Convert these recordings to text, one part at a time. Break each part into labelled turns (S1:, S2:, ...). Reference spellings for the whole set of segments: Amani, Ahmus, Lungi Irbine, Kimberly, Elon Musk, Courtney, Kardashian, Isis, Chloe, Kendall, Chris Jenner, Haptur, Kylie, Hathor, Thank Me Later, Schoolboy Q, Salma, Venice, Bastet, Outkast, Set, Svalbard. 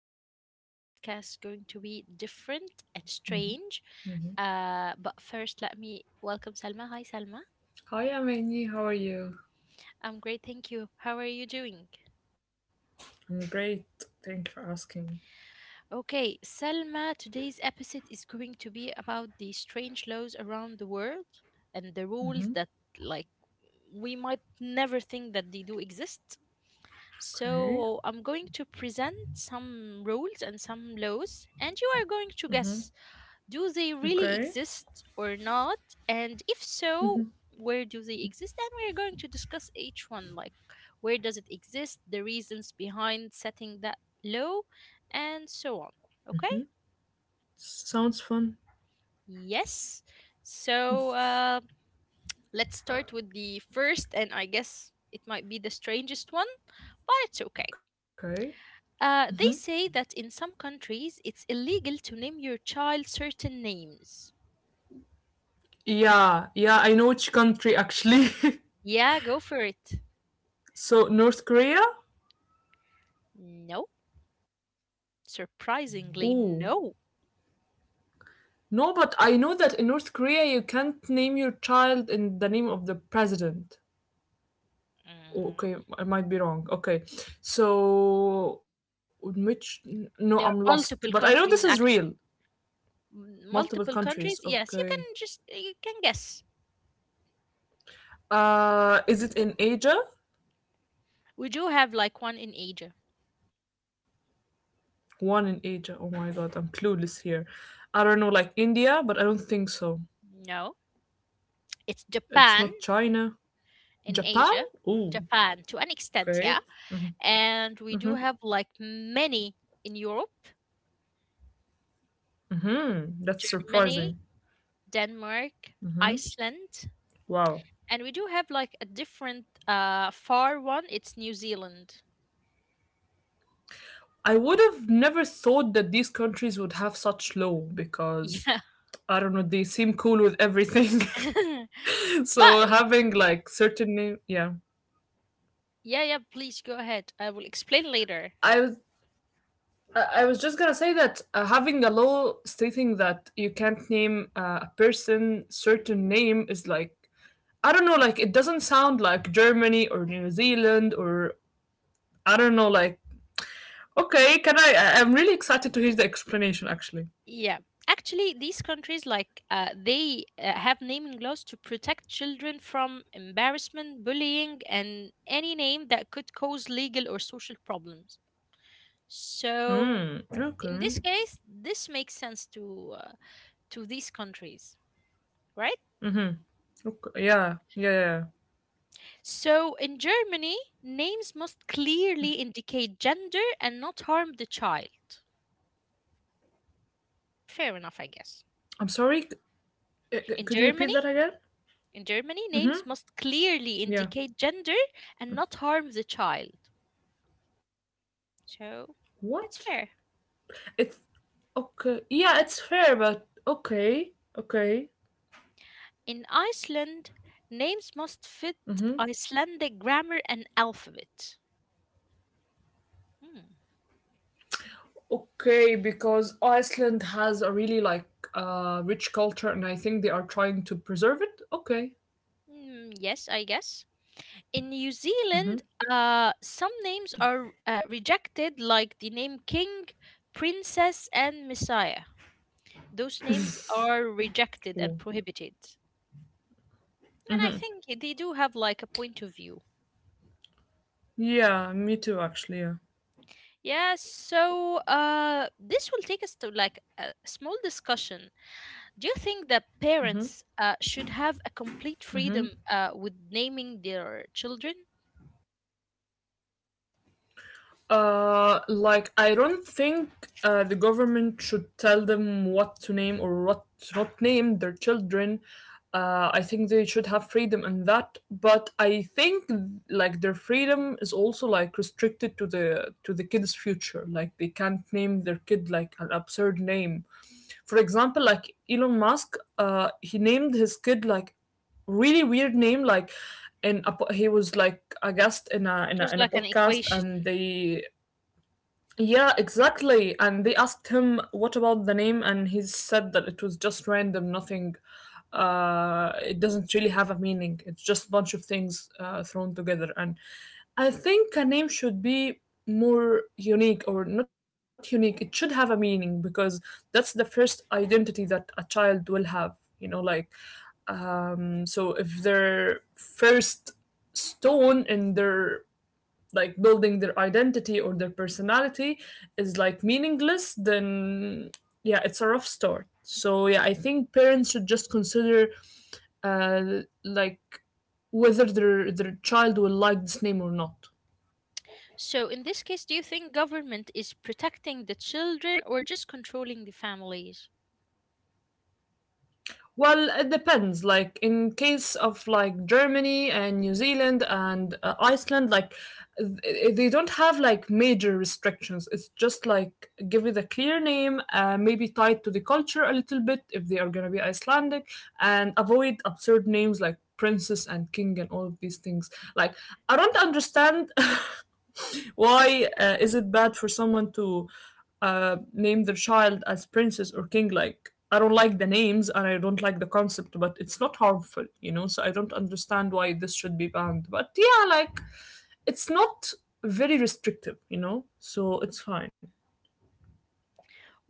S1: podcast. Today's podcast is going to be different and strange. But first, let me welcome Salma. Hi, Salma.
S2: Hi, Amani. How are you?
S1: I'm great, thank you. How are you doing?
S2: I'm great. Thank you for asking.
S1: Okay, Salma, today's episode is going to be about the strange laws around the world and the rules that, like, we might never think that they do exist. So,
S2: Okay.
S1: I'm going to present some rules and some laws, and you are going to
S2: Mm-hmm.
S1: guess. Do they really
S2: Okay.
S1: exist or not? And if so, where do they exist? And we're going to discuss each one, like, where does it exist, the reasons behind setting that low, and so on. Okay?
S2: Sounds fun.
S1: Yes. So let's start with the first, and I guess it might be the strangest one, but it's okay.
S2: Okay.
S1: They say that in some countries it's illegal to name your child certain names.
S2: Yeah, yeah, I know which country actually.
S1: Yeah, go for it.
S2: So North Korea.
S1: No. Surprisingly,
S2: Ooh.
S1: no.
S2: No, but I know that in North Korea you can't name your child in the name of the president. Oh, okay,
S1: Mm,
S2: I might be wrong. Okay, so which? No, I'm
S1: there
S2: lost.
S1: are
S2: But I know
S1: multiple
S2: this is
S1: countries
S2: real.
S1: actually. M-
S2: Multiple
S1: Multiple
S2: countries.
S1: countries? Yes, you can
S2: Okay.
S1: just you can guess.
S2: Is it in Asia?
S1: We do have like one in Asia.
S2: One in Asia. Oh my god, I'm clueless here. I don't know, like India, but I don't think so.
S1: No, it's
S2: It's
S1: Japan
S2: not China.
S1: in
S2: Japan?
S1: Asia.
S2: Ooh,
S1: Japan to an extent,
S2: okay.
S1: yeah. And we do have like many in Europe:
S2: That's surprising.
S1: Germany, Denmark, Iceland,
S2: Wow.
S1: and we do have like a different far one, it's New Zealand.
S2: I would have never thought that these countries would have such low because
S1: Yeah.
S2: I don't know, they seem cool with everything.
S1: But
S2: so having like certain name, yeah.
S1: yeah, yeah, please go ahead. I will explain later.
S2: I was I was just gonna say that having a law stating that you can't name a person certain name is like I don't know, like it doesn't sound like Germany or New Zealand or I don't know, like okay, can I? Am really excited to hear the explanation actually.
S1: Yeah. Actually, these countries, like, they have naming laws to protect children from embarrassment, bullying, and any name that could cause legal or social problems. So,
S2: Hmm.
S1: in this
S2: Okay.
S1: case, this makes sense to these countries, right?
S2: Okay. Yeah, yeah, yeah, yeah.
S1: So, in Germany, names must clearly indicate gender and not harm the child. Fair enough, I guess.
S2: I'm sorry.
S1: In
S2: Could you
S1: Germany,
S2: repeat that again?
S1: in Germany, names must clearly indicate
S2: Yeah.
S1: gender and not harm the child. So
S2: What?
S1: it's fair.
S2: It's okay. Yeah, it's fair, but okay. Okay.
S1: In Iceland, names must fit Icelandic grammar and alphabet. Hmm.
S2: Okay, because Iceland has a really like rich culture and I think they are trying to preserve it. Okay.
S1: Hmm, yes, I guess. In New Zealand, some names are rejected, like the name King, Princess, and Messiah. Those names are
S2: Oh.
S1: rejected and prohibited. And I think they do have like a point of view.
S2: Yeah, me too actually. Yeah.
S1: Yes, so this will take us to like a small discussion. Do you think that parents should have a complete freedom with naming their children?
S2: Like I don't think the government should tell them what to name or what to not name their children. I think they should have freedom in that, but I think like their freedom is also like restricted to the kid's future. Like they can't name their kid like an absurd name. For example, like Elon Musk, he named his kid like really weird name like and a, he was like a guest in a, in a
S1: There's
S2: in a
S1: like an
S2: podcast and
S1: equation.
S2: they yeah, exactly. And they asked him, what about the name? And he said that it was just random, nothing. It doesn't really have a meaning. It's just a bunch of things thrown together. And I think a name should be more unique or not unique. It should have a meaning because that's the first identity that a child will have, you know, like. So if their first stone in their like building their identity or their personality is like meaningless then yeah it's a rough start so yeah I think parents should just consider like whether their child will like this name or not.
S1: So in this case, do you think government is protecting the children or just controlling the families?
S2: Well, it depends. Like in case of like Germany and New Zealand and Iceland, like they don't have like major restrictions. It's just like give it a clear name, maybe tied to the culture a little bit if they are gonna be Icelandic, and avoid absurd names like princess and king and all of these things. Like I don't understand. Why is it bad for someone to name their child as princess or king? Like, I don't like the names and I don't like the concept, but it's not harmful, you know? So I don't understand why this should be banned. But yeah, like, it's not very restrictive, you know? So it's fine.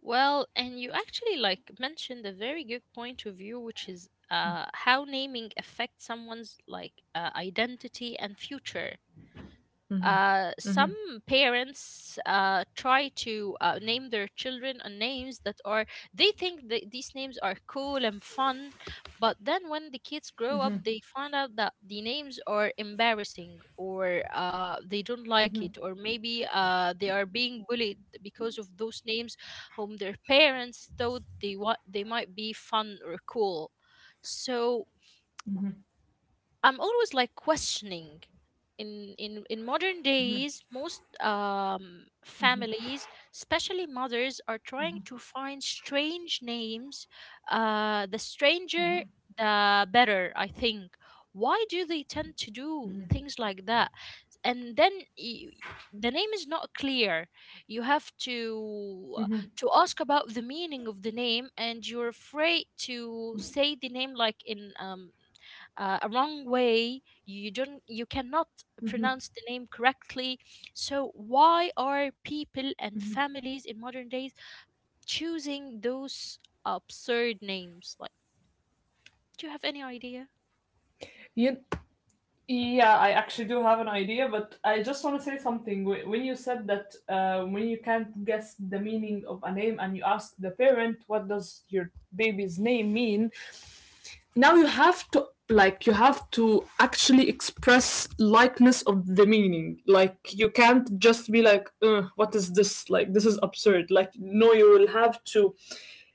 S1: Well, and you actually like mentioned a very good point of view, which is how naming affects someone's like identity and future. Some parents try to name their children on names that are, they think that these names are cool and fun, but then when the kids grow up, they find out that the names are embarrassing or they don't like it, or maybe they are being bullied because of those names, whom their parents thought they they might be fun or cool. So I'm always like questioning. In modern days, most families, especially mothers, are trying to find strange names. The stranger, the better, I think. Why do they tend to do things like that? And then, y- the name is not clear. You have to ask about the meaning of the name, and you're afraid to say the name like in a wrong way. You don't you cannot pronounce the name correctly. So why are people and families in modern days choosing those absurd names? Like, do you have any idea?
S2: You, yeah, I actually do have an idea, but I just want to say something. When you said that when you can't guess the meaning of a name and you ask the parent, what does your baby's name mean? Now you have to like you have to actually express likeness of the meaning like you can't just be like, "Ugh, what is this, like this is absurd, like no," you will have to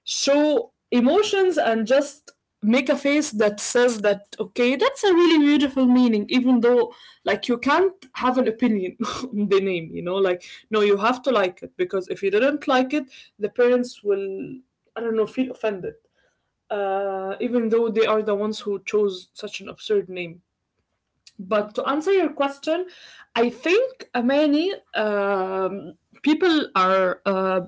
S2: show emotions and just make a face that says that okay, that's a really beautiful meaning, even though like you can't have an opinion on the name, you know, like no, you have to like it because if you didn't like it the parents will, I don't know, feel offended, even though they are the ones who chose such an absurd name. But to answer your question, I think many people are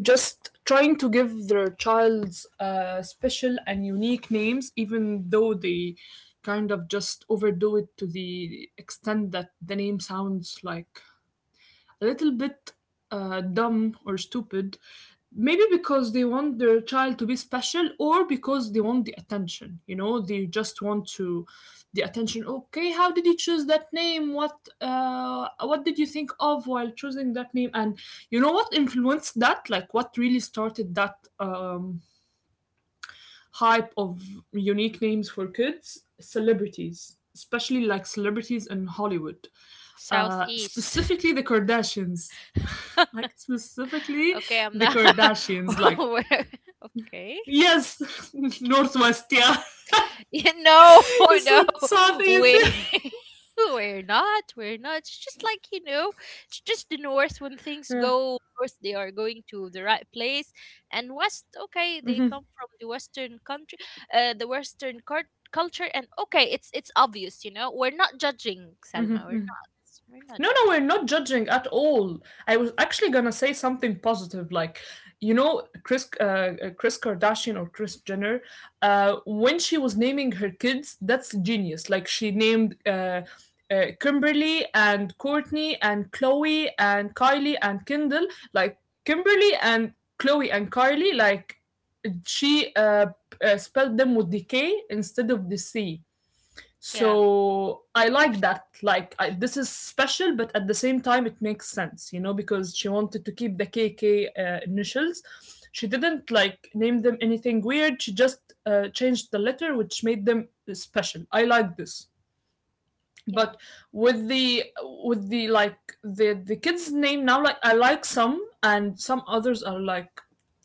S2: just trying to give their child's special and unique names, even though they kind of just overdo it to the extent that the name sounds like a little bit dumb or stupid, maybe because they want their child to be special or because they want the attention. You know, they just want to the attention. Okay, how did you choose that name? What did you think of while choosing that name? And you know what influenced that? Like, what really started that? Hype of unique names for kids, celebrities, especially like celebrities in Hollywood,
S1: Southeast.
S2: specifically the Kardashians. Like, specifically
S1: Okay, I'm
S2: the
S1: not.
S2: Kardashians. Like,
S1: Where? Okay.
S2: yes, Northwest, yeah.
S1: Yeah, no,
S2: You
S1: no,
S2: said Southeast.
S1: we we're not, we're not. It's just like, you know, it's just the north. When things
S2: Yeah.
S1: go north, they are going to the right place, and west, okay, they come from the western country, the culture, and okay, it's obvious, you know, we're not judging, Salma, we're not
S2: No, no, we're
S1: judging.
S2: not judging at all. I was actually gonna say something positive, like you know, Chris, Chris Kardashian or Chris Jenner, when she was naming her kids, that's genius. Like she named Kimberly and Courtney and Chloe and Kylie and Kendall, like Kimberly and Chloe and Kylie, like she spelled them with the K instead of the C.
S1: Yeah,
S2: So I like that. Like I, this is special, but at the same time, it makes sense, you know, because she wanted to keep the KK initials. She didn't like name them anything weird. She just changed the letter, which made them special. I like this.
S1: yeah,
S2: But with the like the kids' name now, like I like some, and some others are like,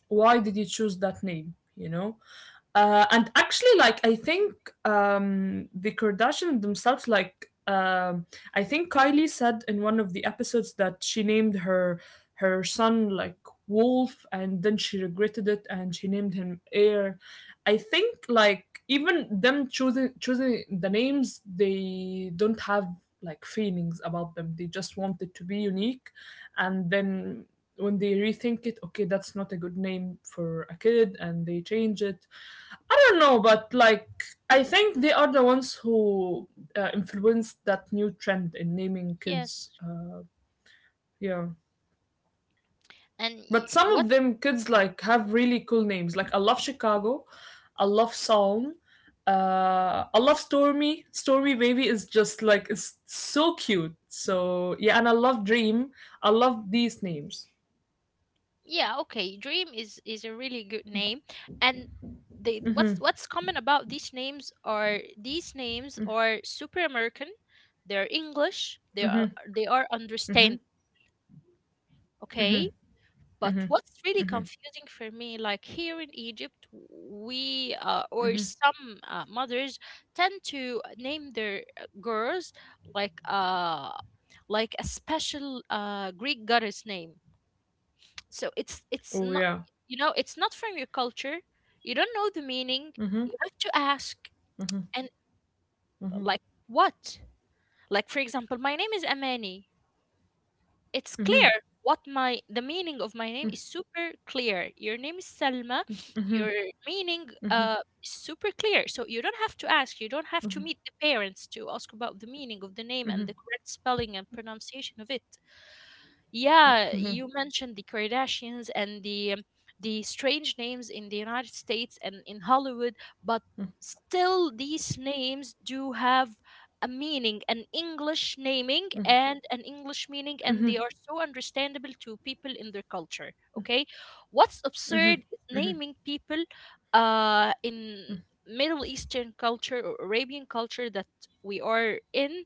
S2: why did you choose that name? You know, and actually, like I think the Kardashians themselves, like I think Kylie said in one of the episodes that she named her son like Wolf, and then she regretted it, and she named him Air. I think like even them choosing the names, they don't have like feelings about them. They just want it to be unique, and then when they rethink it, okay, that's not a good name for a kid, and they change it. I don't know, but like I think they are the ones who influenced that new trend in naming
S1: yes.
S2: kids. Yeah,
S1: And
S2: but some of
S1: what?
S2: them kids like have really cool names. Like I love Chicago, I love Psalm, I love Stormy. Stormy baby is just like it's so cute. So yeah, and I love Dream. I love these names.
S1: Yeah, okay. Dream is a really good name, and they, what's common about these names are super American. They're English. They are
S2: Hmm.
S1: understand. Okay, but what's really confusing for me, like here in Egypt, we or some mothers tend to name their girls like uh like a special Greek goddess name. So it's
S2: Oh
S1: not,
S2: yeah.
S1: you know, it's not from your culture. You don't know the meaning.
S2: Hmm.
S1: You have to ask. And like, what? Like, for example, my name is Amani. It's clear what my, the meaning of my name is super clear. Your name is Salma. Your meaning is super clear. So you don't have to ask. You don't have to meet the parents to ask about the meaning of the name and the correct spelling and pronunciation of it. Yeah, you mentioned the Kardashians and the strange names in the United States and in Hollywood, but still these names do have a meaning, an English naming and an English meaning, and they are so understandable to people in their culture. Okay, what's absurd is naming people in Middle Eastern culture or Arabian culture that we are in,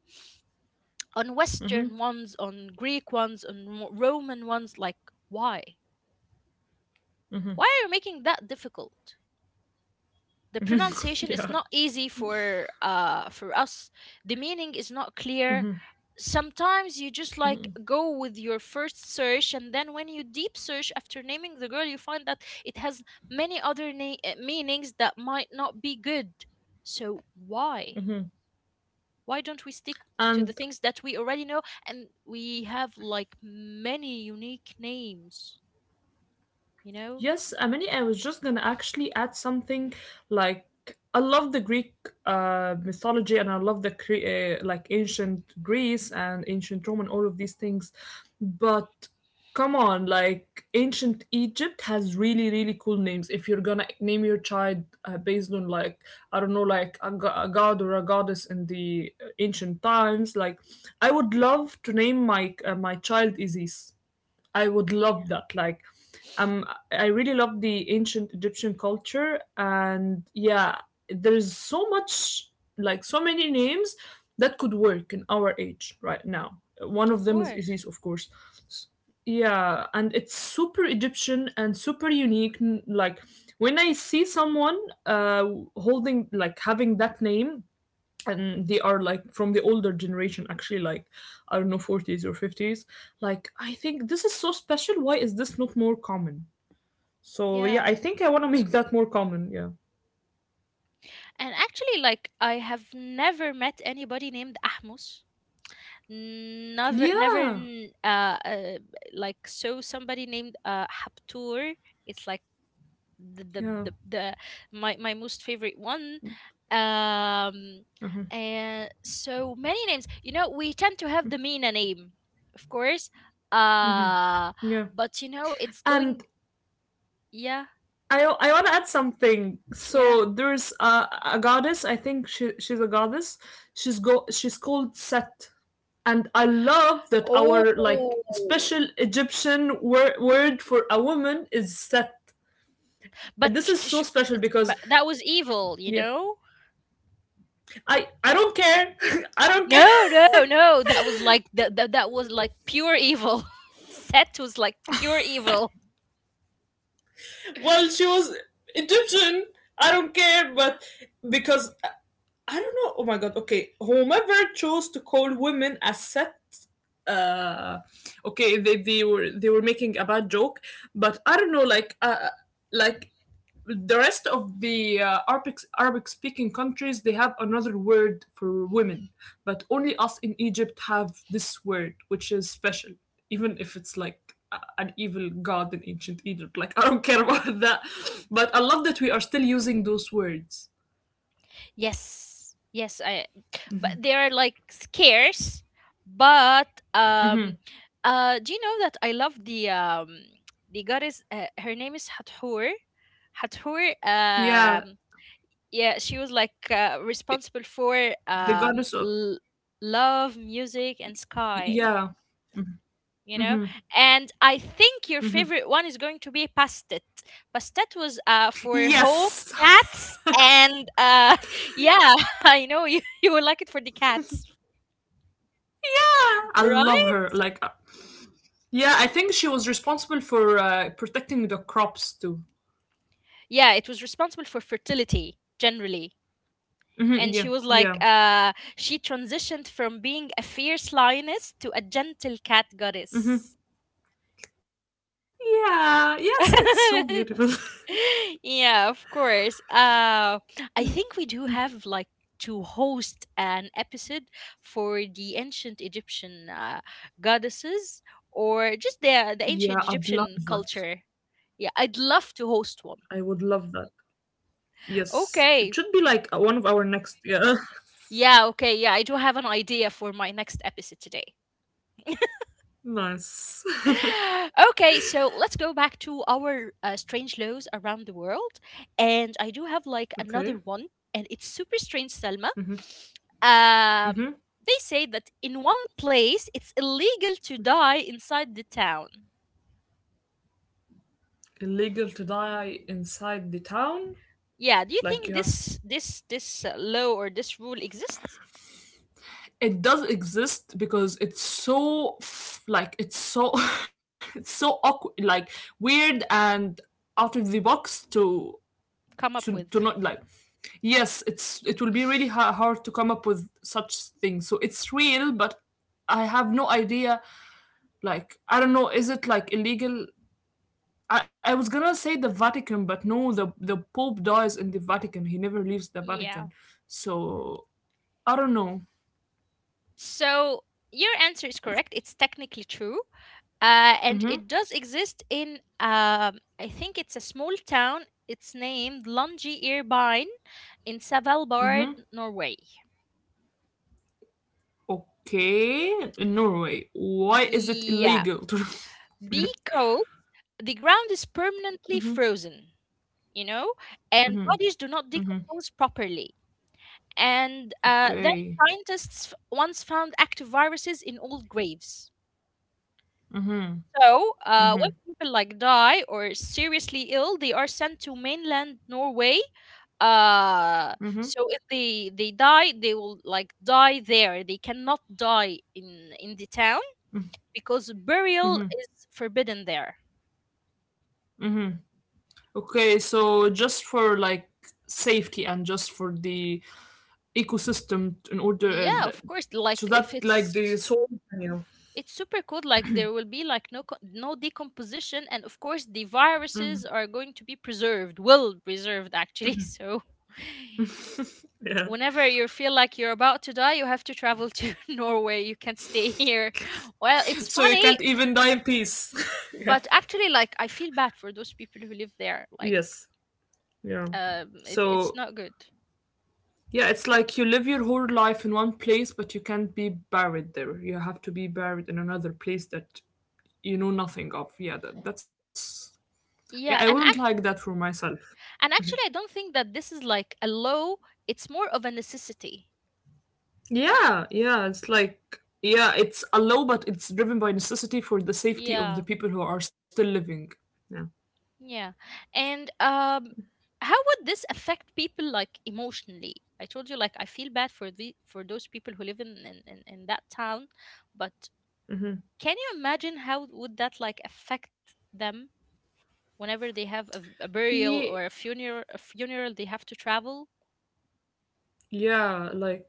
S1: on Western ones, on Greek ones, on Roman ones. Like, why? Why are you making that difficult? The pronunciation is
S2: Yeah.
S1: not easy for us. The meaning is not clear. Sometimes you just like go with your first search, and then when you deep search after naming the girl, you find that it has many other meanings that might not be good. So why? Why don't we stick to the
S2: And
S1: things that we already know, and we have like many unique names, you know?
S2: yes, Amani, I was just gonna actually add something like I love the Greek mythology and I love the like ancient Greece and ancient Rome and all of these things, but come on, like ancient Egypt has really really cool names. If you're gonna name your child based on like I don't know like a, a god or a goddess in the ancient times, like I would love to name my my child Isis. I would
S1: Yeah,
S2: love that. Like, um, I really love the ancient Egyptian culture, and yeah, there's so much, like, so many names that could work in our age right now. One
S1: of
S2: of them is
S1: course.
S2: Isis, of course. S- Yeah, and it's super Egyptian and super unique. Like, when I see someone uh, holding, like, having that name, and they are like from the older generation actually like I don't know, 40s or 50s, like I think this is so special. Why is this not more common? So yeah,
S1: Yeah.
S2: I think I want to make that more common. Yeah,
S1: And actually like I have never met anybody named Ahmus. Never never
S2: yeah,
S1: n- uh, uh like, so somebody named Haptur. It's like the the
S2: yeah,
S1: the, the my most favorite one, um and so many names, you know, we tend to have the Mina name of course, uh
S2: yeah.
S1: but you know it's going.
S2: And
S1: Yeah.
S2: I want to add something,
S1: Yeah.
S2: so there's a goddess, I think she, she's a goddess, she's go she's called Set. And I love that
S1: Oh,
S2: our like special Egyptian word for a woman is Set.
S1: but
S2: And this is so special
S1: it's,
S2: because
S1: but that was evil, you
S2: yeah.
S1: know.
S2: I don't care. I don't
S1: No,
S2: care.
S1: no, no, that was like that, that was like pure evil. Set was like pure evil.
S2: Well, she was Egyptian. I don't care, but because don't know. Oh my god. Okay, whomever chose to call women a Set. Uh, okay, they were making a bad joke, but I don't know. Like the rest of the Arabic speaking countries, they have another word for women, but only us in Egypt have this word, which is special, even if it's like an evil god in ancient Egypt. Like I don't care about that, but I love that we are still using those words.
S1: Yes. Yes, I, but they are like scarce. But
S2: Hmm.
S1: um uh do you know that I love the goddess, her name is Hathor. Hathor,
S2: Yeah,
S1: yeah, she was like responsible for
S2: the
S1: um
S2: goddess of
S1: l- love, music and sky,
S2: yeah.
S1: you know.
S2: Hmm.
S1: And I think your
S2: Hmm.
S1: favorite one is going to be Pastet. Pastet was for home,
S2: Yes.
S1: cats
S2: Yeah,
S1: and yeah. I know you, you will like it for the cats.
S2: I love
S1: Right.
S2: her. Like, yeah, I think she was responsible for protecting the crops too.
S1: Yeah, it was responsible for fertility generally,
S2: Mhm,
S1: and she
S2: yeah,
S1: was like
S2: yeah,
S1: she transitioned from being a fierce lioness to a gentle cat
S2: mhm.
S1: goddess.
S2: Yeah, yes, it's so beautiful.
S1: Yeah, of course. I think we do have like to host an episode for the ancient Egyptian goddesses, or just the
S2: Yeah,
S1: ancient
S2: I'd love
S1: Egyptian
S2: that.
S1: culture. Yeah, I'd love to host
S2: I
S1: one.
S2: would love that. Yes, it should be
S1: Okay.
S2: like one of our next. Yeah,
S1: Yeah, okay. Yeah, I do have an idea for my next episode today.
S2: nice.
S1: Okay, so let's go back to our strange laws around the world. And I do have like
S2: Okay.
S1: another one, and it's super strange, Selma.
S2: Mm-hmm.
S1: Um, they say that in one place it's illegal to die inside the town.
S2: Illegal to die inside the town.
S1: Yeah, do you
S2: Like
S1: think
S2: you have to.
S1: this law or this rule exists?
S2: It does exist because it's so like it's so it's so awkward, like weird and out of the box to
S1: Come
S2: to
S1: up
S2: to
S1: with.
S2: not like yes it's it will be really hard to come up with such things so it's real but I have no idea, like I don't know, is it like illegal? I was gonna say the Vatican, but no, the Pope dies in the Vatican, he never leaves the
S1: Yeah.
S2: Vatican, so I don't know.
S1: So your answer is correct. It's technically true. And it
S2: Hmm.
S1: does exist in, I think it's a small town. It's named Lungi Irbine in Svalbard, Norway.
S2: Okay, in Norway, why is it
S1: Yeah.
S2: illegal to
S1: Because the ground is
S2: Mhm.
S1: permanently frozen, you know, and bodies do not decompose properly. And then
S2: Okay.
S1: scientists once found active viruses in old graves. So, when people like die or seriously ill, they are sent to mainland Norway. uh
S2: Mm-hmm.
S1: so if they die, they will like die there. They cannot die in the town because burial is forbidden there.
S2: Okay, so just for like safety and just for the ecosystem in order
S1: Yeah,
S2: that,
S1: of course,
S2: so
S1: like,
S2: that
S1: if
S2: like the
S1: it's,
S2: soul in you.
S1: it's super cool, like there will be like no decomposition, and of course the
S2: Mhm,
S1: viruses are going to be preserved, well preserved actually. So
S2: yeah.
S1: whenever you feel like you're about to die, you have to travel to Norway. You can't stay here. Well, it's
S2: So you
S1: funny,
S2: can't even die in peace, yeah.
S1: but actually like I feel bad for those people who live there, like,
S2: Yes. Yeah.
S1: it, it's
S2: So
S1: not good.
S2: yeah, it's like you live your whole life in one place but you can't be buried there, you have to be buried in another place that nothing of. Yeah, that, that's yeah,
S1: Yeah.
S2: I wouldn't like that for myself.
S1: And actually I don't think that this is like a law. It's more of a necessity.
S2: Yeah, yeah, it's like yeah, it's a law but it's driven by necessity for the safety of
S1: Yeah.
S2: the people who are still living. Yeah.
S1: Yeah. And how would this affect people like emotionally? I told you, like, I feel bad for the, for those people who live in that town. But can you imagine how would that like affect them whenever they have a, a
S2: Yeah.
S1: burial or a funeral, a funeral, they have to travel.
S2: Yeah, like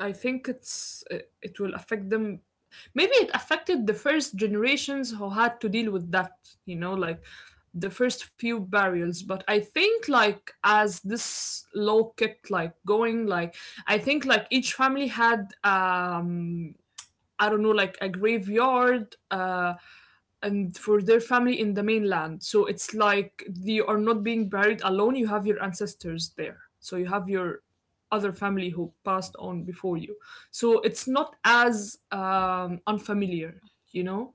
S2: I think it's it, it will affect them. Maybe it affected the first generations who had to deal with that, like the first few burials. But I think like as this law kept like going, like I think like each family had I don't know, like a graveyard, and for their family in the mainland. So it's like you are not being buried alone. You have your ancestors there. So you have your other family who passed on before you. So it's not as unfamiliar, you know.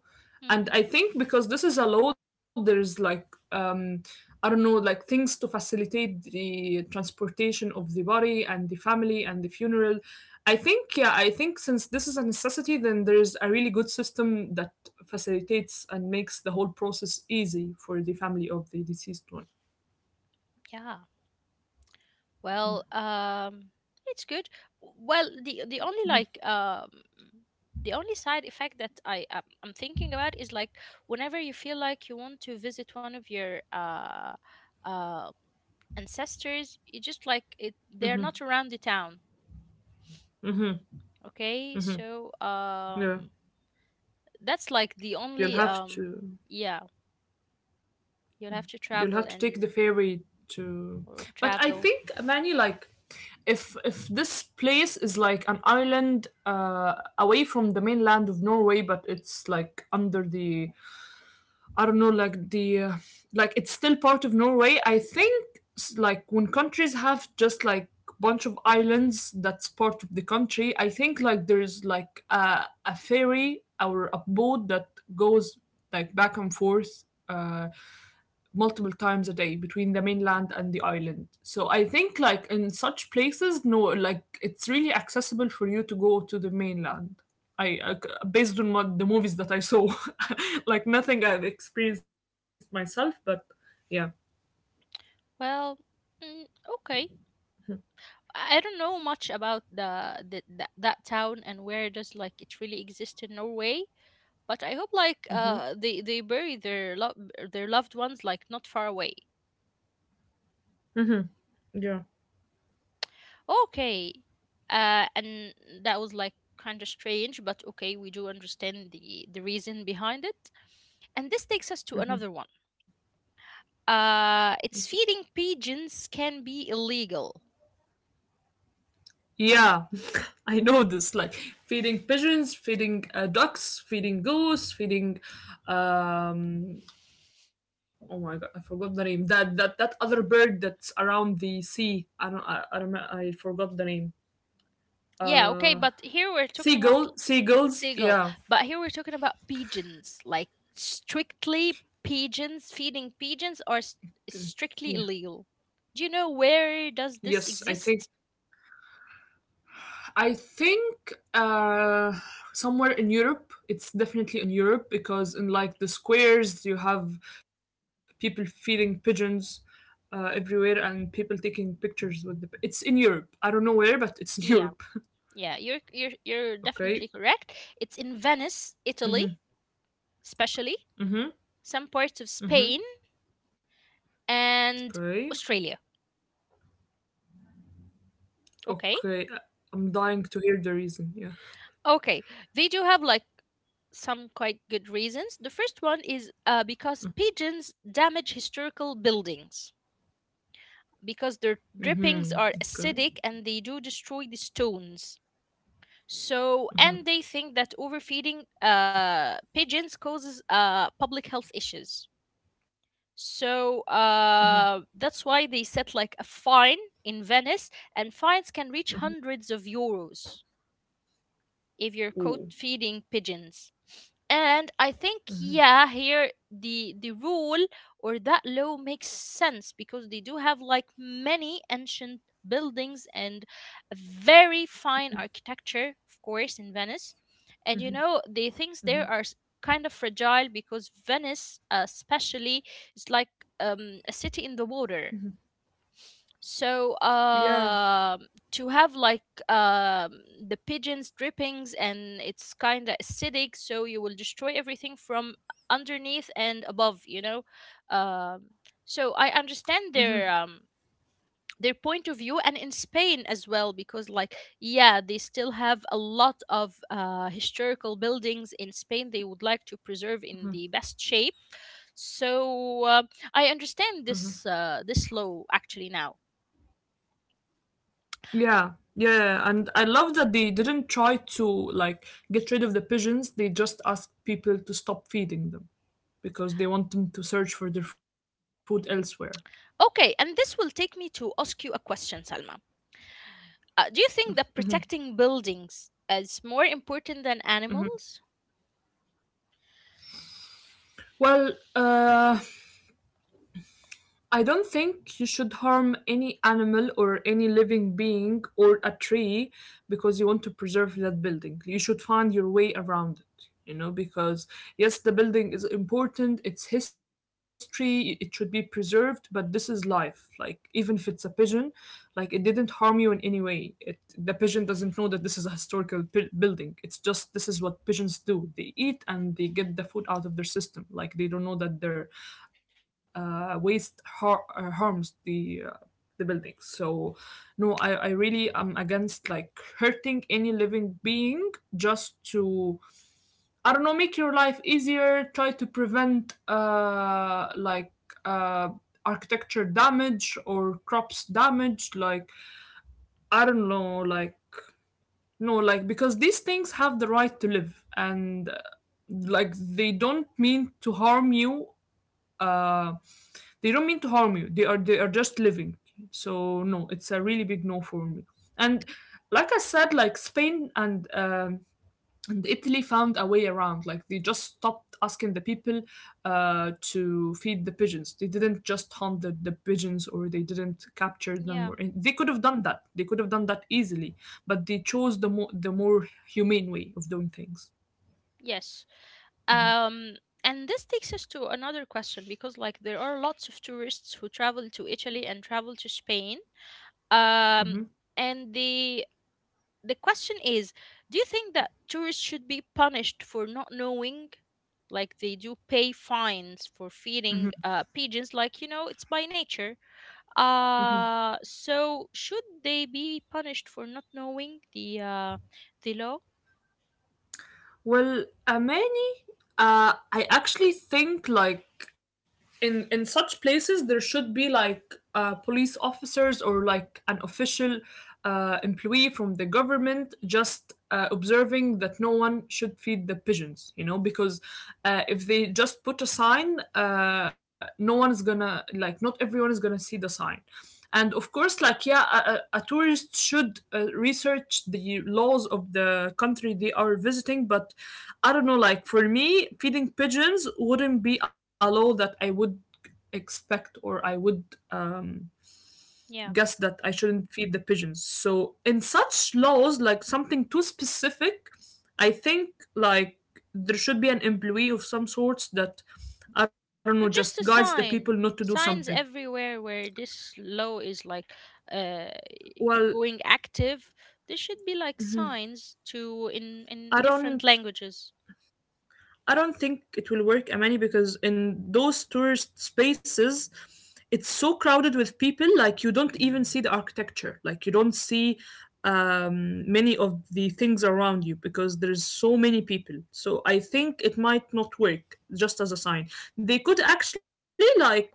S2: And I think because this is allowed, there's like um, I don't know, like things to facilitate the transportation of the body and the family and the funeral. I think yeah, I think since this is a necessity, then there's a really good system that facilitates and makes the whole process easy for the family of the deceased one.
S1: Yeah. Well, it's good. Well, the only the only side effect that I'm thinking about is like whenever you feel like you want to visit one of your uh ancestors, you just like it they're not around the town, okay? So,
S2: Yeah,
S1: um that's like the
S2: you'll
S1: only
S2: have to
S1: yeah, you'll have to
S2: you'll
S1: travel
S2: have to take the
S1: and
S2: ferry to,
S1: or
S2: but I
S1: travel.
S2: think Manny, like, if this place is like an island away from the mainland of Norway, but it's like under the I don't know, like the like it's still part of Norway. I think like when countries have just like bunch of islands that's part of the country, I think like there's like a ferry or a boat that goes like back and forth. Multiple times a day between the mainland and the island. So I think like in such places, no, like it's really accessible for you to go to the mainland. I based on what the movies that I saw, like nothing I've experienced myself, but yeah.
S1: Well, mm, okay. I don't know much about that town and where does like it really exist in Norway, but I hope like
S2: Mm-hmm.
S1: they bury their their loved ones like not far away.
S2: Mm-hmm. Yeah.
S1: Okay, and that was like kind of strange, but okay, we do understand the reason behind it. And this takes us to another one. It's feeding pigeons can be illegal.
S2: Yeah, I know this. Like feeding pigeons, feeding ducks, feeding goose, feeding um, oh my god, I forgot the name. That other bird that's around the sea. I don't I, do I forgot the name.
S1: Yeah,
S2: Uh,
S1: okay, but here we're talking about
S2: seagulls.
S1: seagull.
S2: Yeah,
S1: But here we're talking about pigeons, like strictly pigeons, feeding pigeons are
S2: yeah.
S1: strictly illegal. Do you know where does
S2: Yes,
S1: this exist?
S2: I think uh, somewhere in Europe. It's definitely in Europe because in like the squares you have people feeding pigeons. Everywhere and people taking pictures with the, it's in Europe, I don't know where, but it's in Europe.
S1: Yeah, yeah, you're
S2: Okay.
S1: definitely correct. It's in Venice,
S2: Mm-hmm,
S1: Italy, especially
S2: mm-hmm,
S1: some parts of
S2: mm-hmm.
S1: Spain and
S2: Okay.
S1: Australia. Okay,
S2: Okay, I'm dying to hear the reason. Yeah.
S1: okay, they do have like some quite good reasons. The first one is because pigeons damage historical buildings, because their
S2: Hmm.
S1: drippings
S2: Okay.
S1: are acidic and they do destroy the stones. So, and they think that overfeeding pigeons causes public health issues. So that's why they set like a fine in Venice, and fines can reach hundreds of euros if you're caught
S2: Ooh.
S1: feeding pigeons. And I think yeah, here the rule or that law makes sense because they do have like many ancient buildings and a very fine architecture, of course, in Venice. And you know, the things there are kind of fragile because Venice, especially, is like a city in the water, so
S2: Yeah.
S1: um to have like the pigeons drippings and it's kind of acidic, so you will destroy everything from underneath and above. You know, um, so I understand their point of view, and in Spain as well, because like yeah, they still have a lot of historical buildings in Spain. They would like to preserve in the best shape. So I understand this this law actually now.
S2: Yeah. Yeah, and I love that they didn't try to like get rid of the pigeons. They just asked people to stop feeding them because they want them to search for their food elsewhere.
S1: Okay, and this will take me to ask you a question, Salma. Do you think that protecting buildings is more important than animals?
S2: Well, I don't think you should harm any animal or any living being or a tree because you want to preserve that building. You should find your way around it, you know, because yes, the building is important, it's history, it should be preserved, but this is life. Like, even if it's a pigeon, like, it didn't harm you in any way. It, the pigeon doesn't know that this is a historical building. It's just this is what pigeons do, they eat and they get the food out of their system. Like, they don't know that they're waste harms the buildings. So, no, I really am against like hurting any living being just to I don't know make your life easier. Try to prevent like uh architecture damage or crops damage. Like I don't know like. No, like because these things have the right to live, and like they don't mean to harm you uh, they are just living, so no, it's a really big no for me. And like I said, like Spain and Italy found a way around, like they just stopped asking the people to feed the pigeons, they didn't just hunt the pigeons or they didn't capture them or
S1: Yeah,
S2: they could have done that, they could have done that easily, but they chose the more humane way of doing things.
S1: yes. Um, and this takes us to another question because, like, there are lots of tourists who travel to Italy and travel to Spain. Um,
S2: Mm-hmm.
S1: and the question is, do you think that tourists should be punished for not knowing? Like they do pay fines for feeding pigeons, like you know, it's by nature. So should they be punished for not knowing the law?
S2: Well, Amani, I actually think like in such places there should be like police officers or like an official employee from the government just observing that no one should feed the pigeons. You know, because if they just put a sign, no one is gonna like not everyone is gonna see the sign. And of course like yeah tourist should research the laws of the country they are visiting, but I don't know, like for me feeding pigeons wouldn't be a law that I would expect or I would um
S1: Yeah,
S2: guess that I shouldn't feed the pigeons. So in such laws like something too specific, I think like there should be an employee of some sorts that I don't know just
S1: or
S2: guides
S1: just a
S2: the people not to
S1: sign.
S2: do something.
S1: Signs everywhere where this law is like uh,
S2: Well
S1: going active. There should be like signs to in
S2: i
S1: in
S2: don't
S1: different languages.
S2: I don't think it will work, Amani, because in those tourist spaces, it's so crowded with people, like you don't even see the architecture. Like you don't see many of the things around you because there's so many people. So I think it might not work just as a sign. They could actually like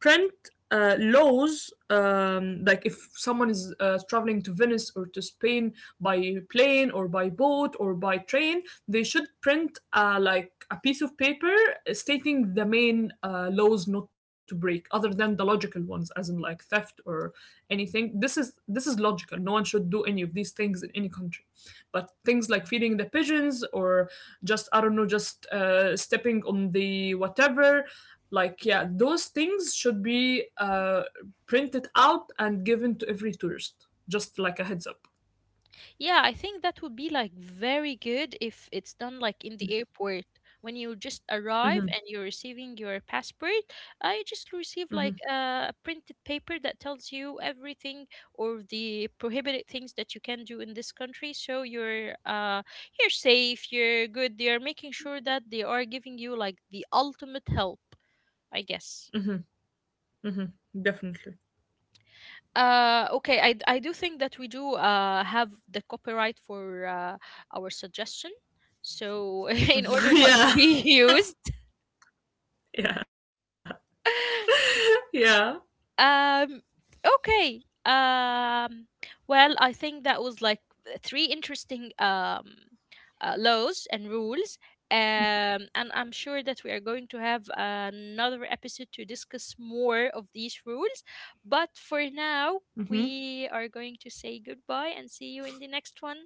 S2: print laws like if someone is traveling to Venice or to Spain by plane or by boat or by train, they should print like a piece of paper stating the main laws not to break, other than the logical ones, as in like theft or anything. This is logical. No one should do any of these things in any country, but things like feeding the pigeons or just I don't know, just stepping on the whatever, like, yeah, those things should be printed out and given to every tourist, just like a heads up.
S1: Yeah, I think that would be like very good if it's done like in the airport. When you just arrive
S2: Hmm.
S1: and you're receiving your passport, I just receive
S2: Hmm.
S1: like a printed paper that tells you everything or the prohibited things that you can do in this country. So you're you're safe, you're good. They are making sure that they are giving you like the ultimate help, I guess.
S2: Hmm. Hmm. Definitely.
S1: Okay, I do think that we do have the copyright for our suggestion. So, in order not to
S2: Yeah,
S1: be used,
S2: yeah, yeah.
S1: um, okay. Well, I think that was like 3 interesting laws and rules. And I'm sure that we are going to have another episode to discuss more of these rules. But for now,
S2: Hmm.
S1: we are going to say goodbye and see you in the next one.